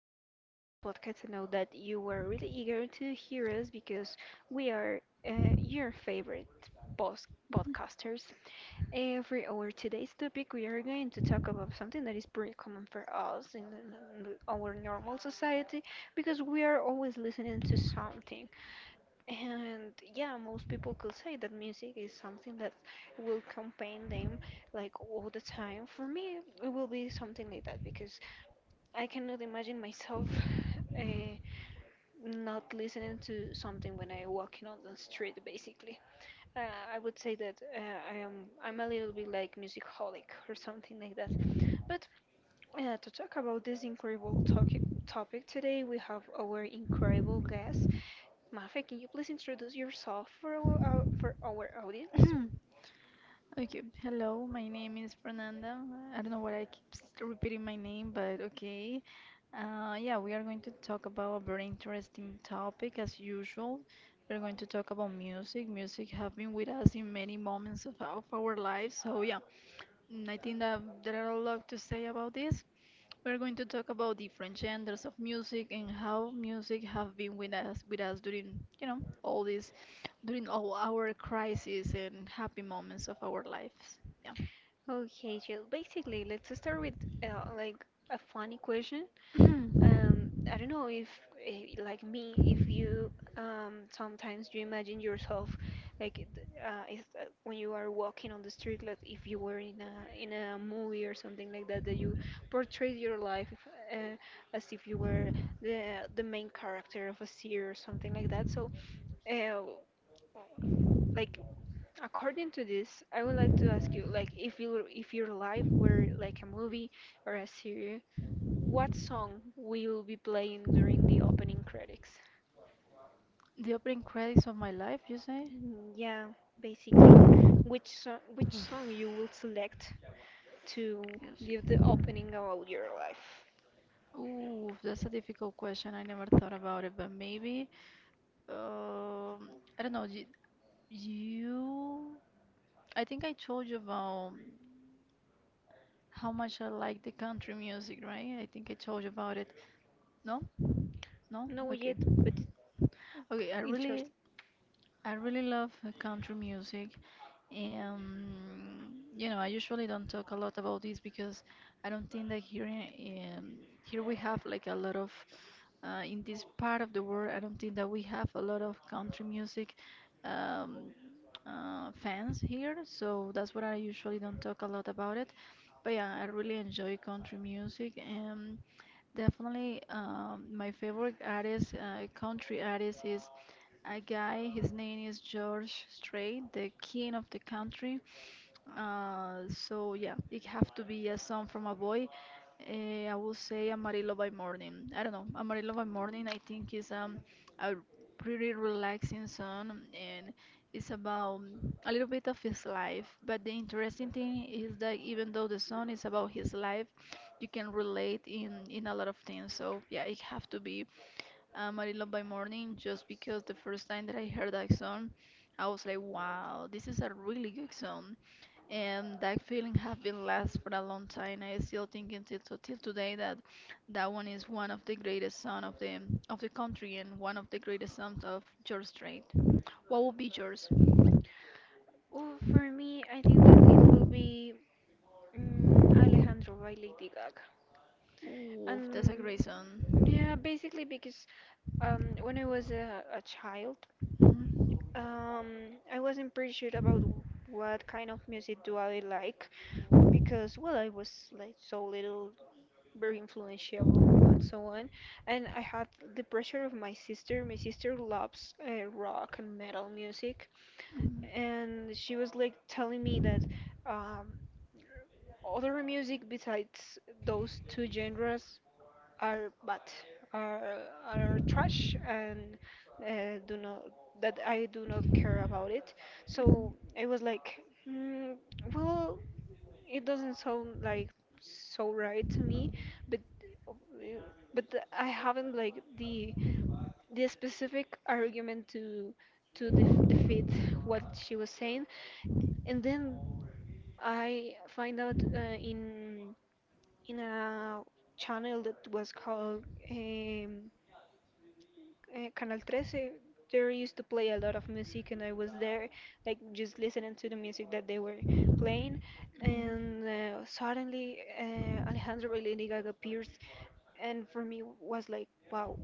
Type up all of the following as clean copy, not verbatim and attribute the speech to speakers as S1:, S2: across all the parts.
S1: this incredible podcast. I know that you were really eager to hear us because we are your favorite post podcasters. For our today's topic, we are going to talk about something that is pretty common for us in our normal society because we are always listening to something. And yeah, most people could say that music is something that will accompany them like all the time. For me, it will be something like that because I cannot imagine myself uh, not listening to something when I walking on the street. Basically, uh, I would say that I'm a little bit like musicaholic or something like that. But to talk about this incredible topic today, we have our incredible guest. Mafe, can you please introduce yourself for our for our audience?
S2: Okay, hello, my name is Fernanda. I don't know why I keep repeating my name, but okay. Yeah, we are going to talk about a very interesting topic as usual. We're going to talk about music. Music have been with us in many moments of our lives. So yeah, I think that there are a lot to say about this. We're going to talk about different genders of music and how music have been with us during, you know, all these during all our crises and happy moments of our lives. Yeah.
S1: Okay, Jill. Basically, let's start with like a funny question. I don't know if, like me, if you sometimes you imagine yourself like it- if, when you are walking on the street, like if you were in a movie or something like that, that you portray your life uh, as if you were the main character of a series or something like that. So, uh, like according to this, I would like to ask you, like if your life were like a movie or a series, what song will be playing during the opening credits?
S2: The opening credits of my life, you say?
S1: Yeah, basically. Which song you will select to
S2: Yes.
S1: give the opening about your life?
S2: Ooh, that's a difficult question. I never thought about it, but maybe um I don't know. You, I think I told you about how much I like the country music, right? I think I told you about it. No? No?
S1: No
S2: Okay.
S1: yet, but it,
S2: Okay, I really
S1: interesting.
S2: I really love country music. You know, I usually don't talk a lot about this because I don't think that here we have like a lot of in this part of the world. I don't think that we have a lot of country music um, fans here, so that's what I usually don't talk a lot about it. But yeah, I really enjoy country music, and definitely my favorite artist, country artist is a guy. His name is George Strait, the king of the country. So yeah, it have to be a song from a boy. I will say Amarillo by Morning. I don't know. Amarillo by Morning, I think is a pretty relaxing song, and it's about a little bit of his life, but the interesting thing is that even though the song is about his life, you can relate in a lot of things. So yeah, it have to be Marilyn by Morning just because the first time that I heard that song, I was like, wow, this is a really good song. And that feeling have been last for a long time. I still think until till till today that that one is one of the greatest song of the country, and one of the greatest songs of George Strait. What would be yours?
S1: Oh, for me, I think that it will be Alejandro by Lady Gaga.
S2: Ooh, that's a
S1: And
S2: great song.
S1: yeah, basically because when I was a child,
S2: Mhm.
S1: I wasn't pretty sure about what kind of music do I like, because well I was like so little, very influential and so on, and I had the pressure of my sister. My sister loves rock and metal music,
S2: Mhm.
S1: and she was like telling me that um, other music besides those two genres are bad are are trash and do not that I do not care about it.
S2: Mhm.
S1: So
S2: Mhm.
S1: I was like, mm, well, it doesn't sound like so right to me, but uh, but I haven't like the specific argument to defeat what she was saying. And then I find out in a channel that was called um, Canal 13. There used to play a lot of music, and I was there, like just listening to the music that they were playing.
S2: Mhm.
S1: And suddenly, Alejandro Balenciaga appears, and for me was like, wow.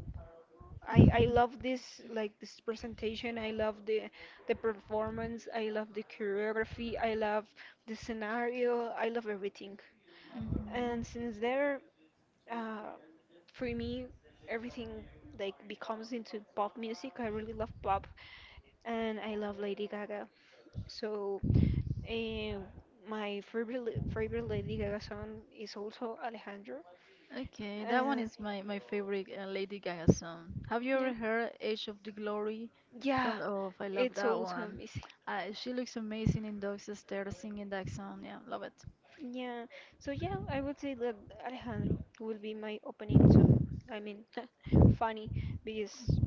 S1: I love this, like this presentation. I love the performance. I love the choreography. I love the scenario. I love everything. And since there, uh, for me, everything like becomes into pop music. I really love pop, and I love Lady Gaga. So, uh, my favorite Lady Gaga song is also Alejandro.
S2: Okay, that one
S1: Uh,
S2: is my favorite Lady Gaga song. Have you
S1: yeah,
S2: ever heard Age of the Glory?
S1: yeah,
S2: Don't— Oh, I love
S1: it's
S2: that
S1: also
S2: one.
S1: amazing.
S2: She looks amazing in Dogs Stare singing that song. Yeah, love it.
S1: Yeah, so yeah, I would say that Alejandro will be my opening song. I mean, funny because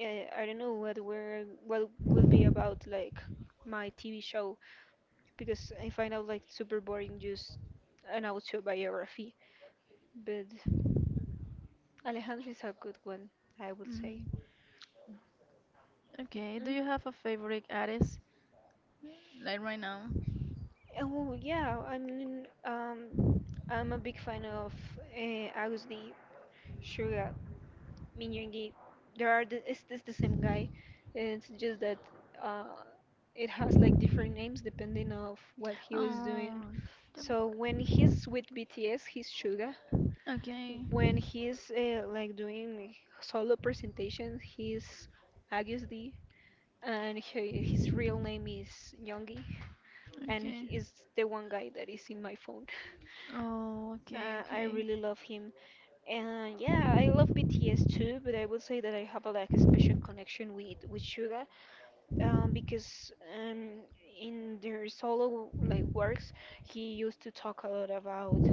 S1: uh, I don't know what will be about like my TV show, because I find out like super boring just an autobiography. But Alejandro is a good one, I would say.
S2: Mhm. Okay, do
S1: Mm.
S2: you have a favorite artist? Like right now?
S1: Oh yeah, I mean, I'm a big fan of Agus D, Suga, Minyoungi. There are the, it's the same guy. It's just that uh, it has like different names depending of what he was doing.
S2: Oh, the-
S1: So when he's with BTS, he's Suga.
S2: okay,
S1: When he's like doing solo presentations, he's Agus D, and he, his real name is Youngi, and he
S2: okay.
S1: is the one guy that is in my phone.
S2: Oh, okay,
S1: I
S2: okay.
S1: really love him, and yeah, I love BTS too. But I would say that I have a, like a special connection with Suga, because um, in their solo like works, he used to talk a lot about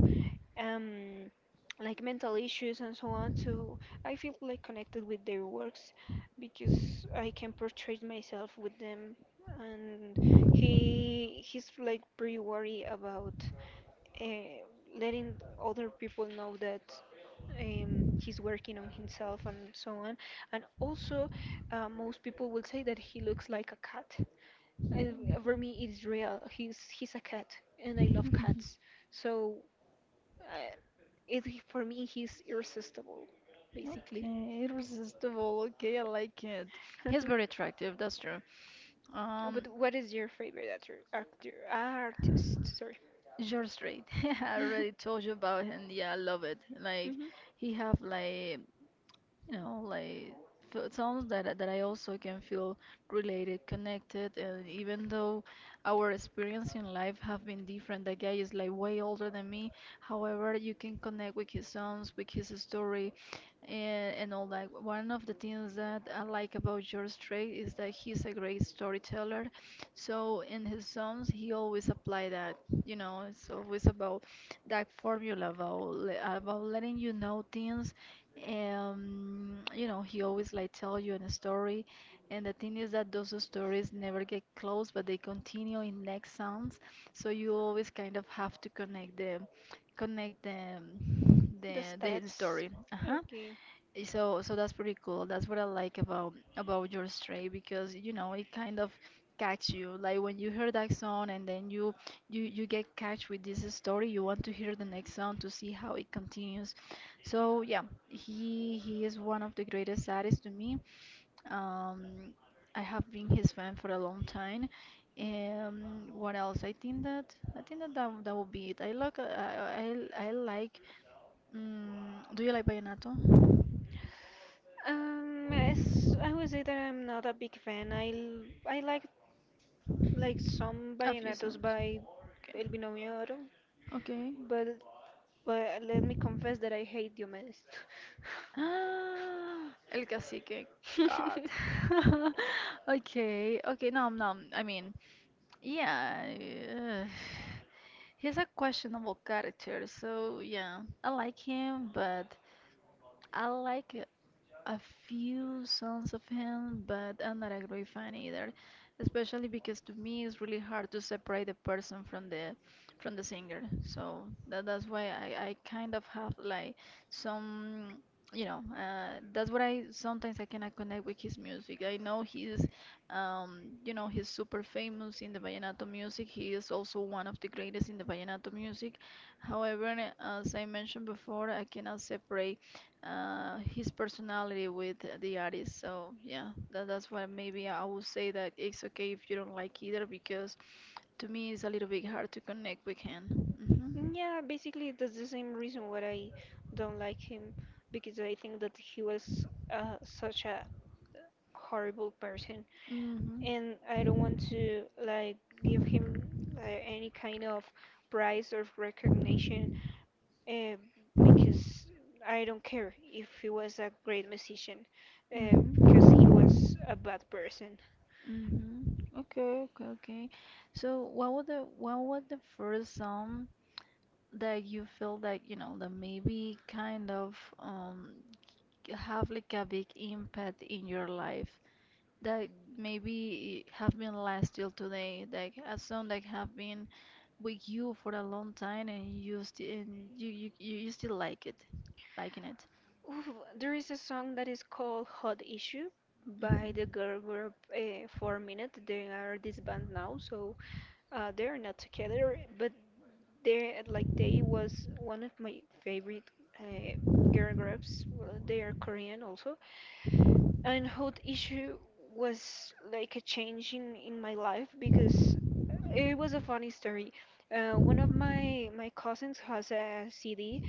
S1: um, like mental issues and so on. So I feel like connected with their works because I can portray myself with them. And he's like pretty worried about uh, letting other people know that he's working on himself and so on. And also, most people will say that he looks like a cat. And for me, it's real. He's a cat, and I love cats. So uh, for me, he's irresistible, basically.
S2: Okay, irresistible. Okay, I like it. He's very attractive, that's true. Um,
S1: But what is your favorite actor? Actor, artist, sorry.
S2: George Strait. I already told you about him. Yeah, I love it. Like
S1: Mhm.
S2: he have like, you know, like songs that that I also can feel related, connected, and even though our experience in life have been different, that guy is like way older than me. However, you can connect with his songs, with his story, and all that. One of the things that I like about George Strait is that he's a great storyteller. So in his songs, he always apply that. You know, it's always about that formula about about letting you know things, you know, he always like tell you in a story, and the thing is that those stories never get closed, but they continue in next sounds. So you always kind of have to connect the, connect the,
S1: The
S2: the the
S1: steps.
S2: story. Uh-huh.
S1: Okay.
S2: So that's pretty cool. That's what I like about your stray because you know it kind of catch you. Like when you hear that song, and then you get catch with this story, you want to hear the next song to see how it continues. So yeah, he is one of the greatest artists to me. Um, I have been his fan for a long time. What else? I think that would be it. I like. Mm, do you like vallenato?
S1: As I would say that I'm not a big fan. I like some
S2: A few
S1: vallenatos
S2: songs.
S1: by
S2: Okay.
S1: El Binomio Oro,
S2: Okay.
S1: but let me confess that I hate Diomedes.
S2: Ah, El cacique. God. Okay. Okay. No, no. I mean, yeah. Uh, he's a questionable character. So, yeah. I like him, but I like a few songs of him, but I'm not a great fan either, especially because to me it's really hard to separate the person from the singer. So that that's why I kind of have like some, you know, that's what I sometimes I cannot connect with his music. I know he's, you know, he's super famous in the vallenato music. He is also one of the greatest in the vallenato music. However, as I mentioned before, I cannot separate his personality with the artist. So yeah, that's why maybe I would say that it's okay if you don't like either because to me it's a little bit hard to connect with him.
S1: Yeah, basically that's the same reason why I don't like him, because I think that he was such a horrible person,
S2: Hmm.
S1: and I
S2: Hmm.
S1: don't want to like give him any kind of prize or recognition, uh, because I don't care if he was a great musician. Uh,
S2: Mm-hmm.
S1: he was a bad person.
S2: Mm-hmm. Okay, okay, okay. So what was the first song that you feel that, you know, that maybe kind of have like a big impact in your life? That maybe have been last till today, like a song that have been with you for a long time, and you still, and you still like it, liking it.
S1: Oof, there is a song that is called Hot Issue by
S2: Mhm.
S1: the girl group Four Minute. They are disbanded now, so they are not together. But they like they was one of my favorite uh, girl groups. Well, they are Korean also, and Hot Issue was like a change in my life because it was a funny story. One of my my cousins has a CD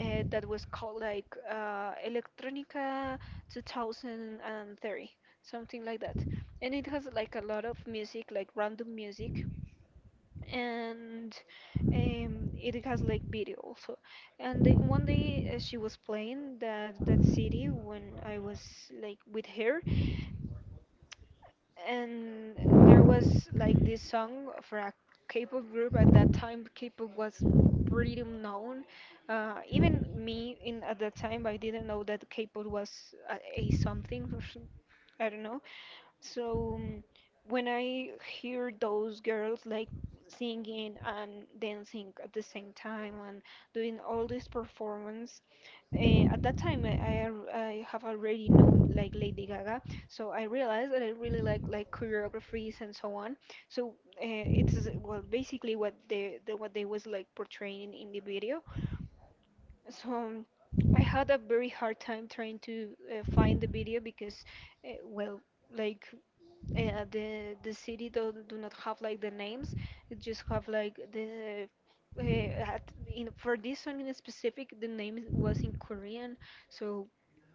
S1: that was called like Electronica 2030, something like that. And it has like a lot of music, like random music, and it has like video also. And one day she was playing that CD when I was like with her, and there was like this song for a K-pop group. At that time, K-pop was pretty known. Even me in at that time, I didn't know that K-pop was a something. I don't know. So when I hear those girls like singing and dancing at the same time and doing all this performance, at that time I have already known like Lady Gaga, so I realized that I really like choreographies and so on. So it's well basically what they was like portraying in the video. So I had a very hard time trying to find the video because well like the city don't do not have like the names. It just have like the uh, at, in for this one in specific the name was in Korean. So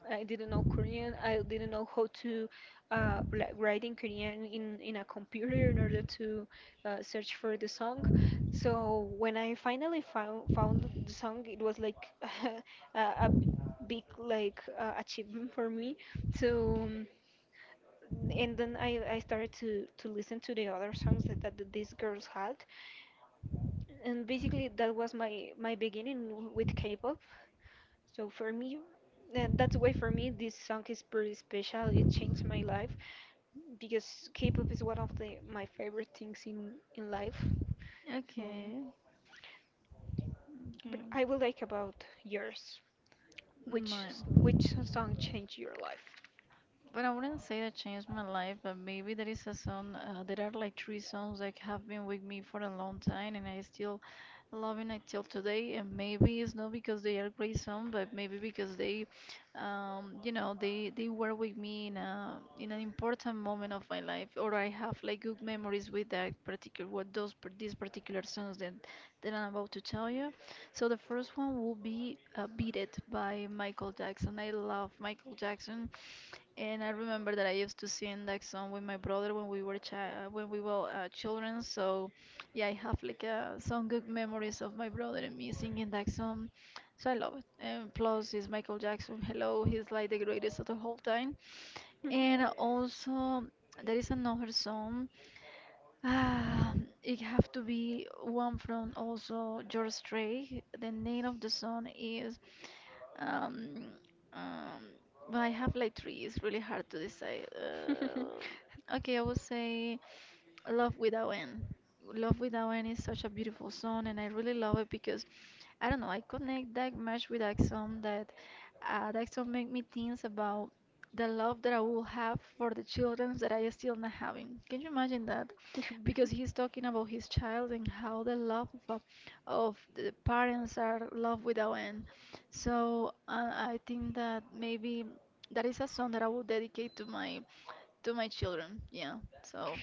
S1: I didn't know Korean. I didn't know how to like write in Korean in a computer in order to search for the song. So when I finally found the song, it was like a, a b- big like achievement for me. So and then I started to listen to the other songs that, that these girls had, and basically that was my my beginning with K-pop. So for me, that's why for me this song is pretty special. It changed my life because K-pop is one of the my favorite things in life. So,
S2: Okay. Okay.
S1: but I will like about yours.
S2: Mine.
S1: Which song changed your life?
S2: But I wouldn't say that changed my life, but maybe there is a song, there are like three songs that have been with me for a long time and I still loving it till today. And maybe it's not because they are great songs, but maybe because they, you know, they were with me in a in an important moment of my life, or I have like good memories with that particular these particular songs that that I'm about to tell you. So the first one will be "Beat It" by Michael Jackson. I love Michael Jackson. And I remember that I used to sing that song with my brother when we were when we were children. So, yeah, I have like some good memories of my brother and me singing that song. So I love it. And plus, it's Michael Jackson. Hello, he's like the greatest of the whole time.
S1: Mhm.
S2: And also, there is another song. Ah, it have to be one from also George Strait. The name of the song is um um. But I have like three. It's really hard to decide. Okay, I would say Love Without End. Love Without End is such a beautiful song, and I really love it because I don't know. I connect that much with that song that that song make me think about the love that I will have for the children that I am still not having. Can you imagine that?
S1: B-
S2: Because he's talking about his child and how the love of, of the parents are love without end. So I think that maybe that is a song that I will dedicate to my children. Yeah. So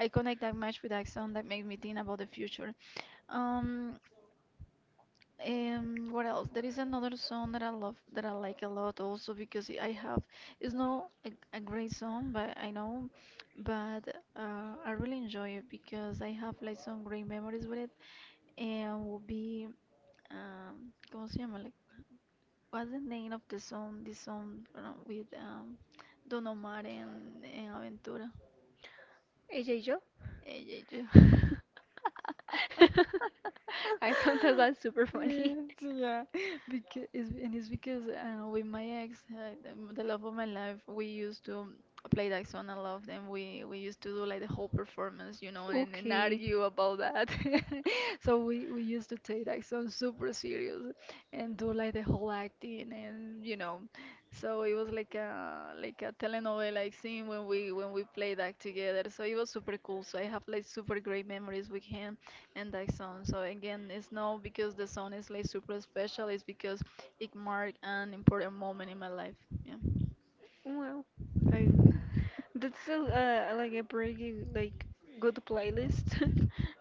S2: I connect that much with that song that made me think about the future. Um, what else? There is another song that I love, that I like a lot also because I have, it's not a, a great song, but I know, but I really enjoy it because I have like some great memories with it. And will be, ¿cómo se llama? Like, what's the name of the song? This song with Don Omar and Aventura.
S1: A J Joe?
S2: Eh, eh, eh.
S1: I found that that's super funny.
S2: Yeah, yeah, because it's, and it's because with my ex, the, the love of my life, we used to play that song a lot, and we used to do like the whole performance, you know, and
S1: Okay.
S2: argue about that. So we used to take that song super serious, and do like the whole acting, and you know, so it was like a telenovela like scene when we played that together. So it was super cool. So I have like super great memories with him and thy son. So again, it's not because the son is like super special. It's because it marked an important moment in my life. Yeah.
S1: Well, I that's a like a pretty like good playlist.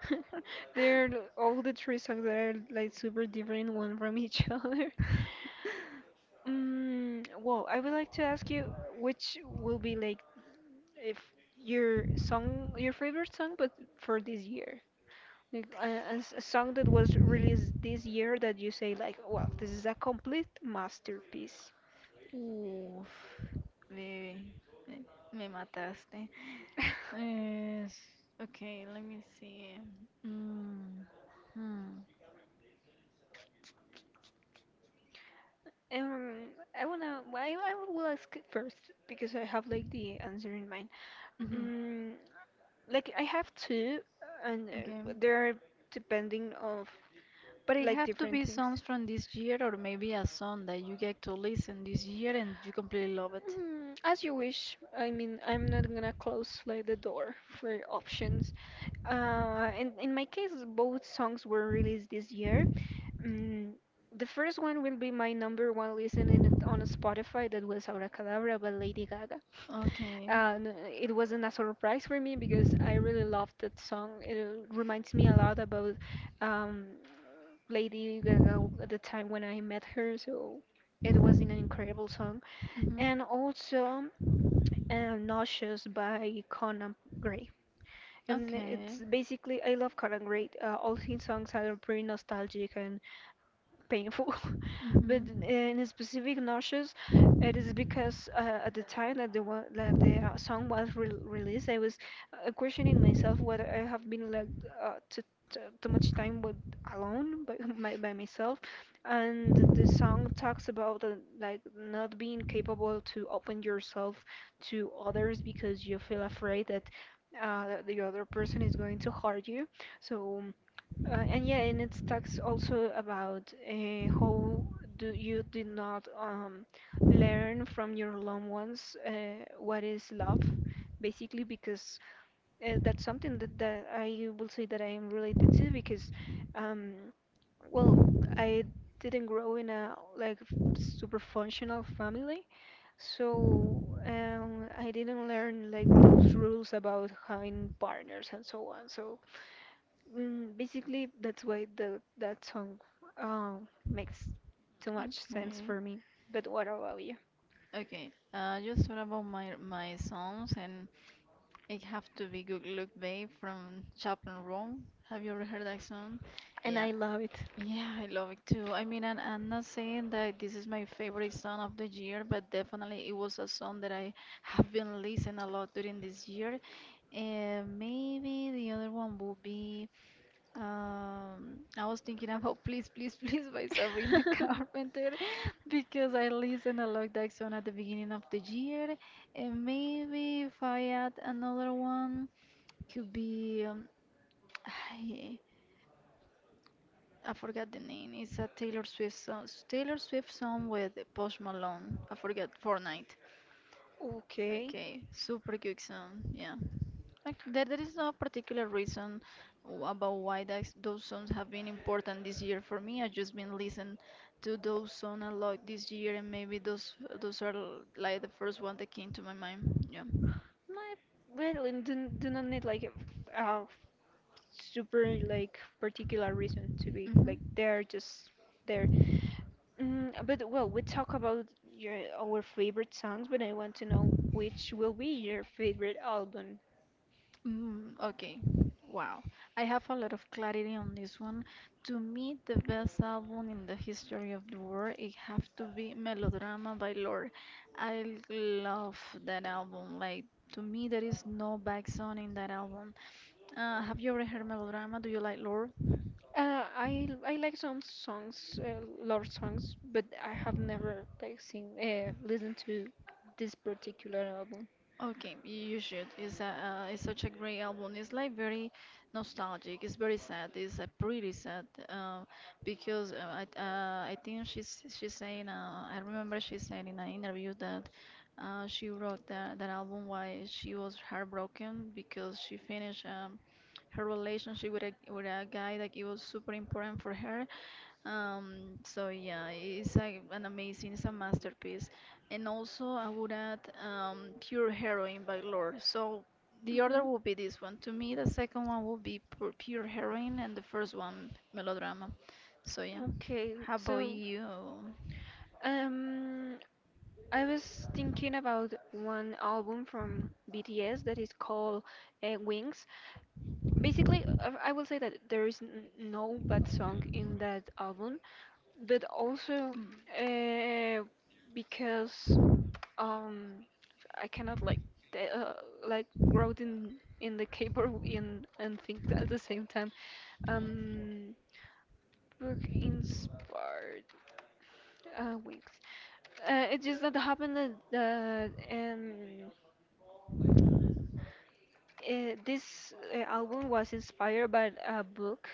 S1: They're all the three songs that are like super different one from each other. Mm, well, I would like to ask you which will be like if your song, your favorite song, but for this year. Like a song that was released this year that you say like, well, this is a complete masterpiece.
S2: Uf, baby, me, me mataste. Es, okay, let me see. Mm, hmm,
S1: Um, I wanna. I will ask first because I have like the answer in mind.
S2: mhm, okay.
S1: Um, like I have two, and they're depending of
S2: But it
S1: like
S2: have to
S1: different
S2: be
S1: things.
S2: songs from this year or maybe a song that you get to listen this year and you completely love it.
S1: Mm, as you wish. I mean, I'm not gonna close like the door for options. In my case, both songs were released this year. Mm, the first one will be my number one listening on Spotify. That was Abracadabra by Lady Gaga.
S2: Okay.
S1: And it wasn't a surprise for me because I really
S2: Mhm.
S1: loved that song. It reminds me a lot about um, Lady Gaga at the time when I met her. So it was an incredible song, and also Nauseous by Conan Gray. And
S2: Okay.
S1: it's basically, I love Conan Gray. All his songs are pretty nostalgic and painful. But
S2: Mhm.
S1: in specific notions, it is because at the time that the song was re released, I was questioning myself whether I have been like uh, to, too much time with alone by, by myself, and the song talks about like not being capable to open yourself to others because you feel afraid that the other person is going to hurt you. So and it talks also about how do you did not learn from your loved ones, what is love, basically, because that's something that I will say that I am related to because, um, well, I didn't grow in a like super functional family, so I didn't learn like those rules about having partners and so on. Basically, that's why the that song makes too much sense
S2: Okay.
S1: for me. But what about you?
S2: Okay. Just what about my my songs, and it have to be Good Look Babe from Chaplin Room. Have you ever heard that song?
S1: And
S2: Yeah.
S1: I love it.
S2: Yeah, I love it too. I mean, and I'm not saying that this is my favorite song of the year, but definitely it was a song that I have been listening a lot during this year. And maybe the other one will be. I was thinking about Please, Please, Please by Sabrina Carpenter because I listened a lot that song at the beginning of the year. And maybe if I add another one, could be I, I forgot the name. It's a Taylor Swift song. Taylor Swift song with Post Malone. I forgot Fortnite.
S1: Okay.
S2: Okay, super quick sound. Yeah. Like, there is no particular reason about why those songs have been important this year for me. I've just been listening to those songs a lot this year, and maybe those are like the first one that came to my mind. Yeah.
S1: My I really do not need like a super like particular reason to be
S2: Hmm.
S1: like they're just there. Mm, but well, we talk about your our favorite songs, but I want to know which will be your favorite album.
S2: Mm, okay. Wow. I have a lot of clarity on this one. To me, the best album in the history of the world, it have to be Melodrama by Lorde. I love that album. Like, to me, there is no back song in that album. Have you ever heard Melodrama? Do you like Lorde?
S1: I like some songs, love songs, but I have never like seen listened to this particular album.
S2: Okay, you should. It's such a great album. It's like very nostalgic. It's very sad. It's pretty sad because I think she's saying I remember she said in an interview that she wrote that album while she was heartbroken because she finished her relationship with a guy that it was super important for her. So yeah, an amazing, it's a masterpiece. And also, I would add Pure Heroine by Lorde. So the
S1: Mhm.
S2: order would be this one. To me, the second one would be pure Heroine, and the first one, Melodrama. So yeah.
S1: Okay,
S2: How about
S1: so
S2: you?
S1: um, I was thinking about one album from BTS that is called Wings. Basically, I will say that there is no bad song in that album, but also,
S2: Mm.
S1: uh, because um, I cannot like t- uh, like route in the paper in and think at the same time. Um, book inspired wings. It's just that happened that this album was inspired by a book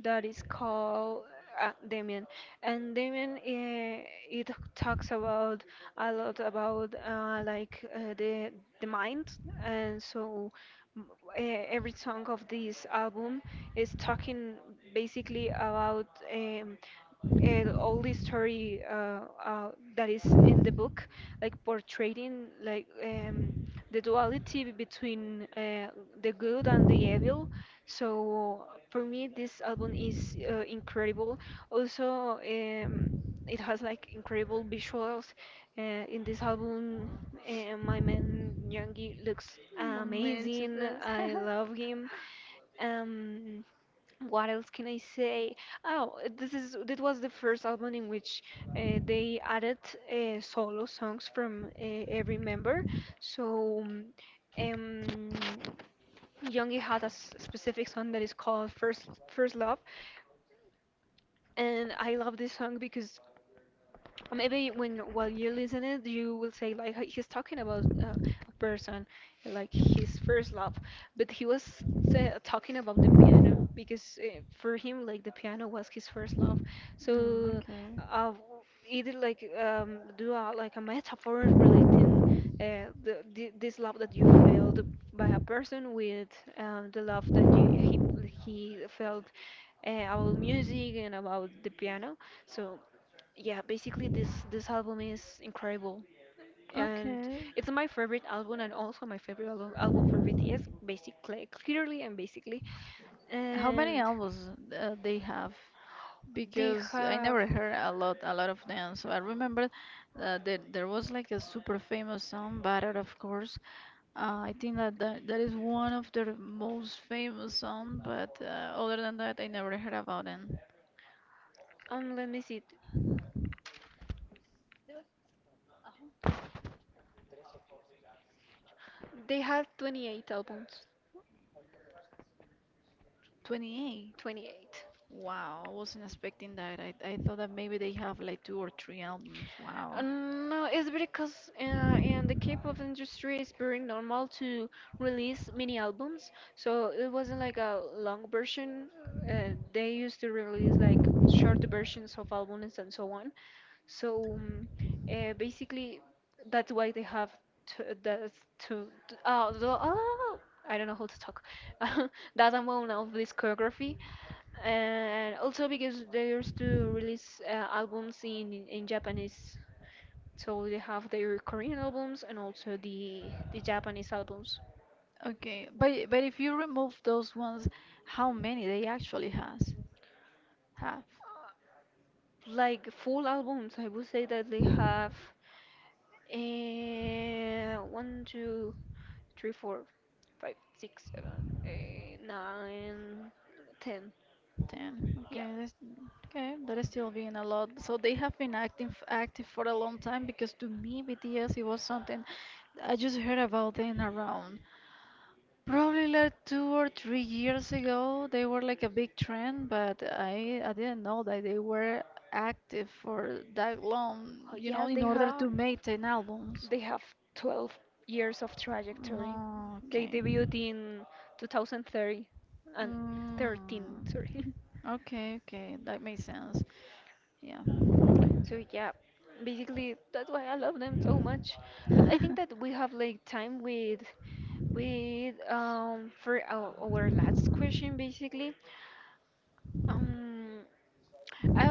S1: that is called Damien, and Damien it talks about a lot about the mind, and so m- every song of this album is talking basically about. Um, all the story that is in the book, like portraying like the duality between the good and the evil. So for me, this album is incredible. Also, it has like incredible visuals. In this album, my man Yangi looks amazing.
S2: Mentions.
S1: I love him. Um, what else can I say? Oh, this is that was the first album in which they added solo songs from every member. So, um, Youngie had a specific song that is called First Love, and I love this song because or maybe when while you listen it you will say like He's talking about a person like his first love, but he was sa talking about the piano, because for him like the piano was his first love."
S2: Mm,
S1: so
S2: okay.
S1: uh, it like do a, like a metaphor relating this love that you felt by a person with the love he felt about music and about the piano. So yeah, basically this album is incredible. And
S2: Okay.
S1: it's my favorite album, and also my favorite album for BTS, basically, clearly and basically.
S2: How many
S1: And
S2: albums they have?
S1: they
S2: Because I
S1: have,
S2: never heard a lot of them. So I remember that there was like a super famous song, Butter, of course. I think that is one of their most famous song, but other than that, I never heard about them.
S1: let me see, they have 28 albums.
S2: 28.
S1: 28.
S2: Wow, I wasn't expecting that. I thought that maybe they have like two or three albums. Wow.
S1: No, it's because in the K-pop industry, it's very normal to release mini albums. So it wasn't like a long version. They used to release like short versions of albums and so on. So um, Basically, that's why they have to, that's to oh, the, oh, I don't know how to talk. That amount of discography, and also because they used to release albums in Japanese, so they have their Korean albums and also the Japanese albums.
S2: Okay, but if you remove those ones, how many they actually has have?
S1: Like full albums, I would say that they have one, two, three, four, five, six, seven, eight, nine, ten.
S2: Ten.
S1: Yeah.
S2: Okay, that's okay. That is still being a lot. So they have been active for a long time because, to me, BTS it was something I just heard about them around. Probably like 2 or 3 years ago they were like a big trend, but I didn't know that they were active for that long.
S1: Oh,
S2: You know,
S1: yeah,
S2: in order to make 10 albums.
S1: they have 12 years of trajectory.
S2: Oh,
S1: They
S2: okay.
S1: debuted in 2030 and 13,
S2: Mm.
S1: sorry.
S2: Okay, okay, that makes sense. Yeah.
S1: So yeah, basically that's why I love them so much. But I think that we have like time with for our last question basically. Um I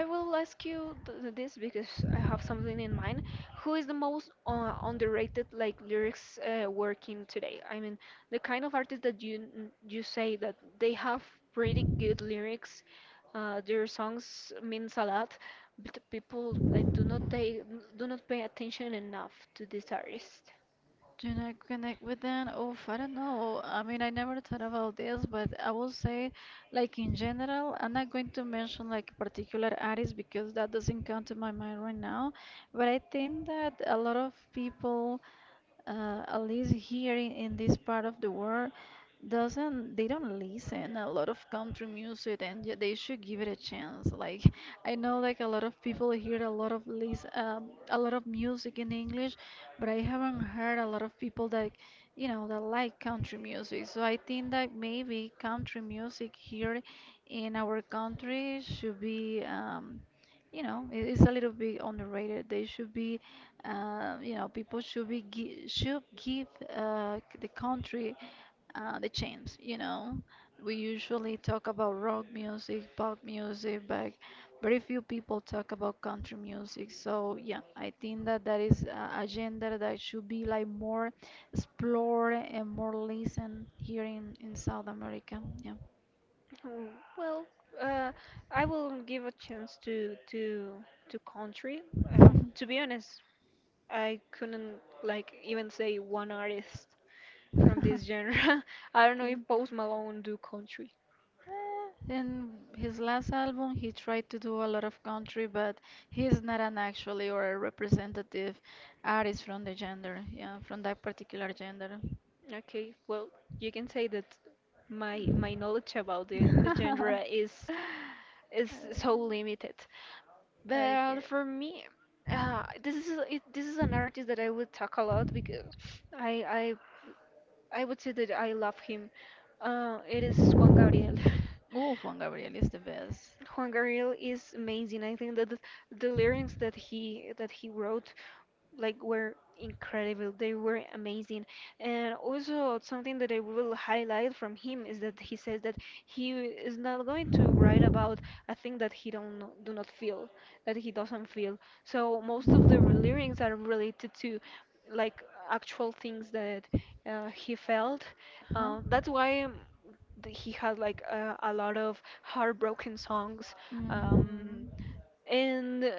S1: I will ask you this because I have something in mind. Who is the most underrated like lyrics working today? I mean, the kind of artist that you say that they have pretty good lyrics. Their songs means a lot, but people like do not pay attention enough to this artist.
S2: Do not connect with them. Oof, I don't know. I mean, I never thought about this, but I will say, like, in general, I'm not going to mention like a particular artist because that doesn't come to my mind right now. But I think that a lot of people at least here in this part of the world doesn't they don't listen a lot of country music, and they should give it a chance. Like, I know, like a lot of people hear a lot of a lot of music in English, but I haven't heard a lot of people that, you know, that like country music. So I think that maybe country music here in our country should be, you know, it's a little bit underrated. They should be, you know, people should be should give the country the chance. You know, we usually talk about rock music, pop music, but very few people talk about country music. So yeah, I think that that is a genre that should be like more explored and more listened here in South America. Yeah.
S1: Mm, well, uh, I will give a chance to country. Uh, to be honest, I couldn't like even say one artist from this genre. I don't know if Post Malone do country.
S2: In his last album, he tried to do a lot of country, but he's not an actually or a representative artist from the gender, yeah, from that particular gender.
S1: Okay, well, you can say that my knowledge about the genre is so limited.
S2: Okay.
S1: But for me, this is an artist that I would talk a lot because I I would say that I love him. It is Juan Gabriel.
S2: Oh, Juan Gabriel is the best.
S1: Juan Gabriel is amazing. I think that the lyrics that he wrote like were incredible. They were amazing. And also something that I will highlight from him is that he says that he is not going to write about a thing that he don't know- do not feel, that he doesn't feel. So most of lyrics are related to like actual things that he felt.
S2: Huh?
S1: That's why he had like a lot of heartbroken songs.
S2: Mhm.
S1: Um, and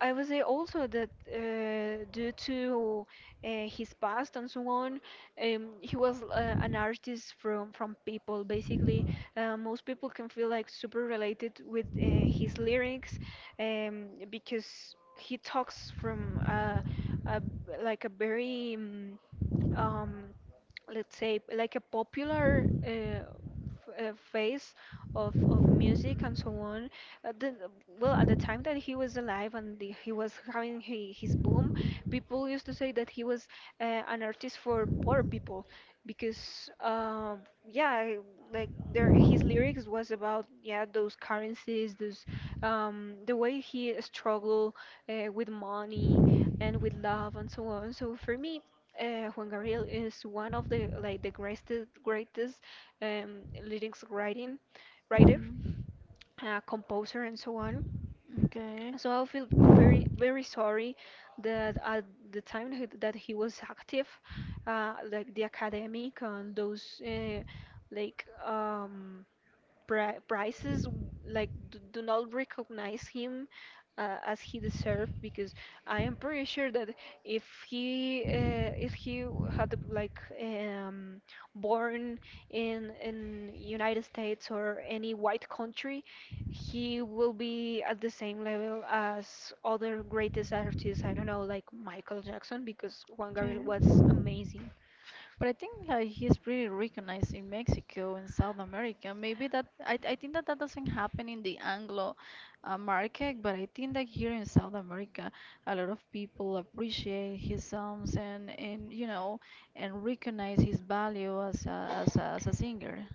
S1: I would say also that due to his past and so on, he was an artist from people. Basically, most people can feel like super related with his lyrics, because he talks from a, like a very um, let's say like a popular phase of music and so on. Uh, the well at the time that he was alive and the, he was having he, his boom, people used to say that he was an artist for poor people, because yeah, like there his lyrics was about, yeah, those currencies, those the way he struggled with money and with love and so on. So for me, Juan Gabriel is one of the like the greatest lyrics writing writer,
S2: Mhm.
S1: composer and so on.
S2: Okay.
S1: So I feel very sorry that at the time that he was active, like the academic and those like um, prices like do not recognize him as he deserved, because I am pretty sure that if he had like born in United States or any white country, he will be at the same level as other greatest artists. I don't know, like Michael Jackson, because Juan Gabriel was
S2: Mm.
S1: amazing.
S2: But I think like he's pretty recognized in Mexico and South America. Maybe that I think that that doesn't happen in the Anglo market, but I think that here in South America, a lot of people appreciate his songs and recognize his value as as a singer.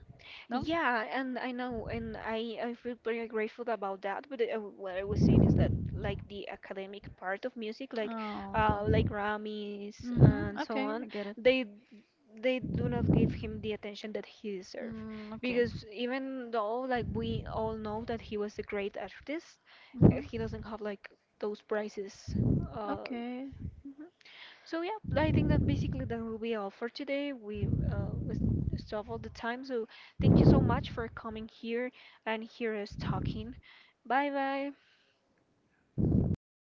S2: No?
S1: Yeah, and I know, and I feel very grateful about that. But what I was saying is that like the academic part of music,
S2: Oh, okay.
S1: like Grammys
S2: Mm-hmm.
S1: and so
S2: Okay,
S1: on,
S2: I get it.
S1: they they do not give him the attention that he deserves.
S2: Mm, okay.
S1: Because even though like we all know that he was a great artist,
S2: Mhm.
S1: he doesn't have like those prizes. Uh,
S2: Okay.
S1: so yeah, I think that basically that will be all for today. We was It's all the time. So thank you so much for coming here and hear us talking. Bye bye.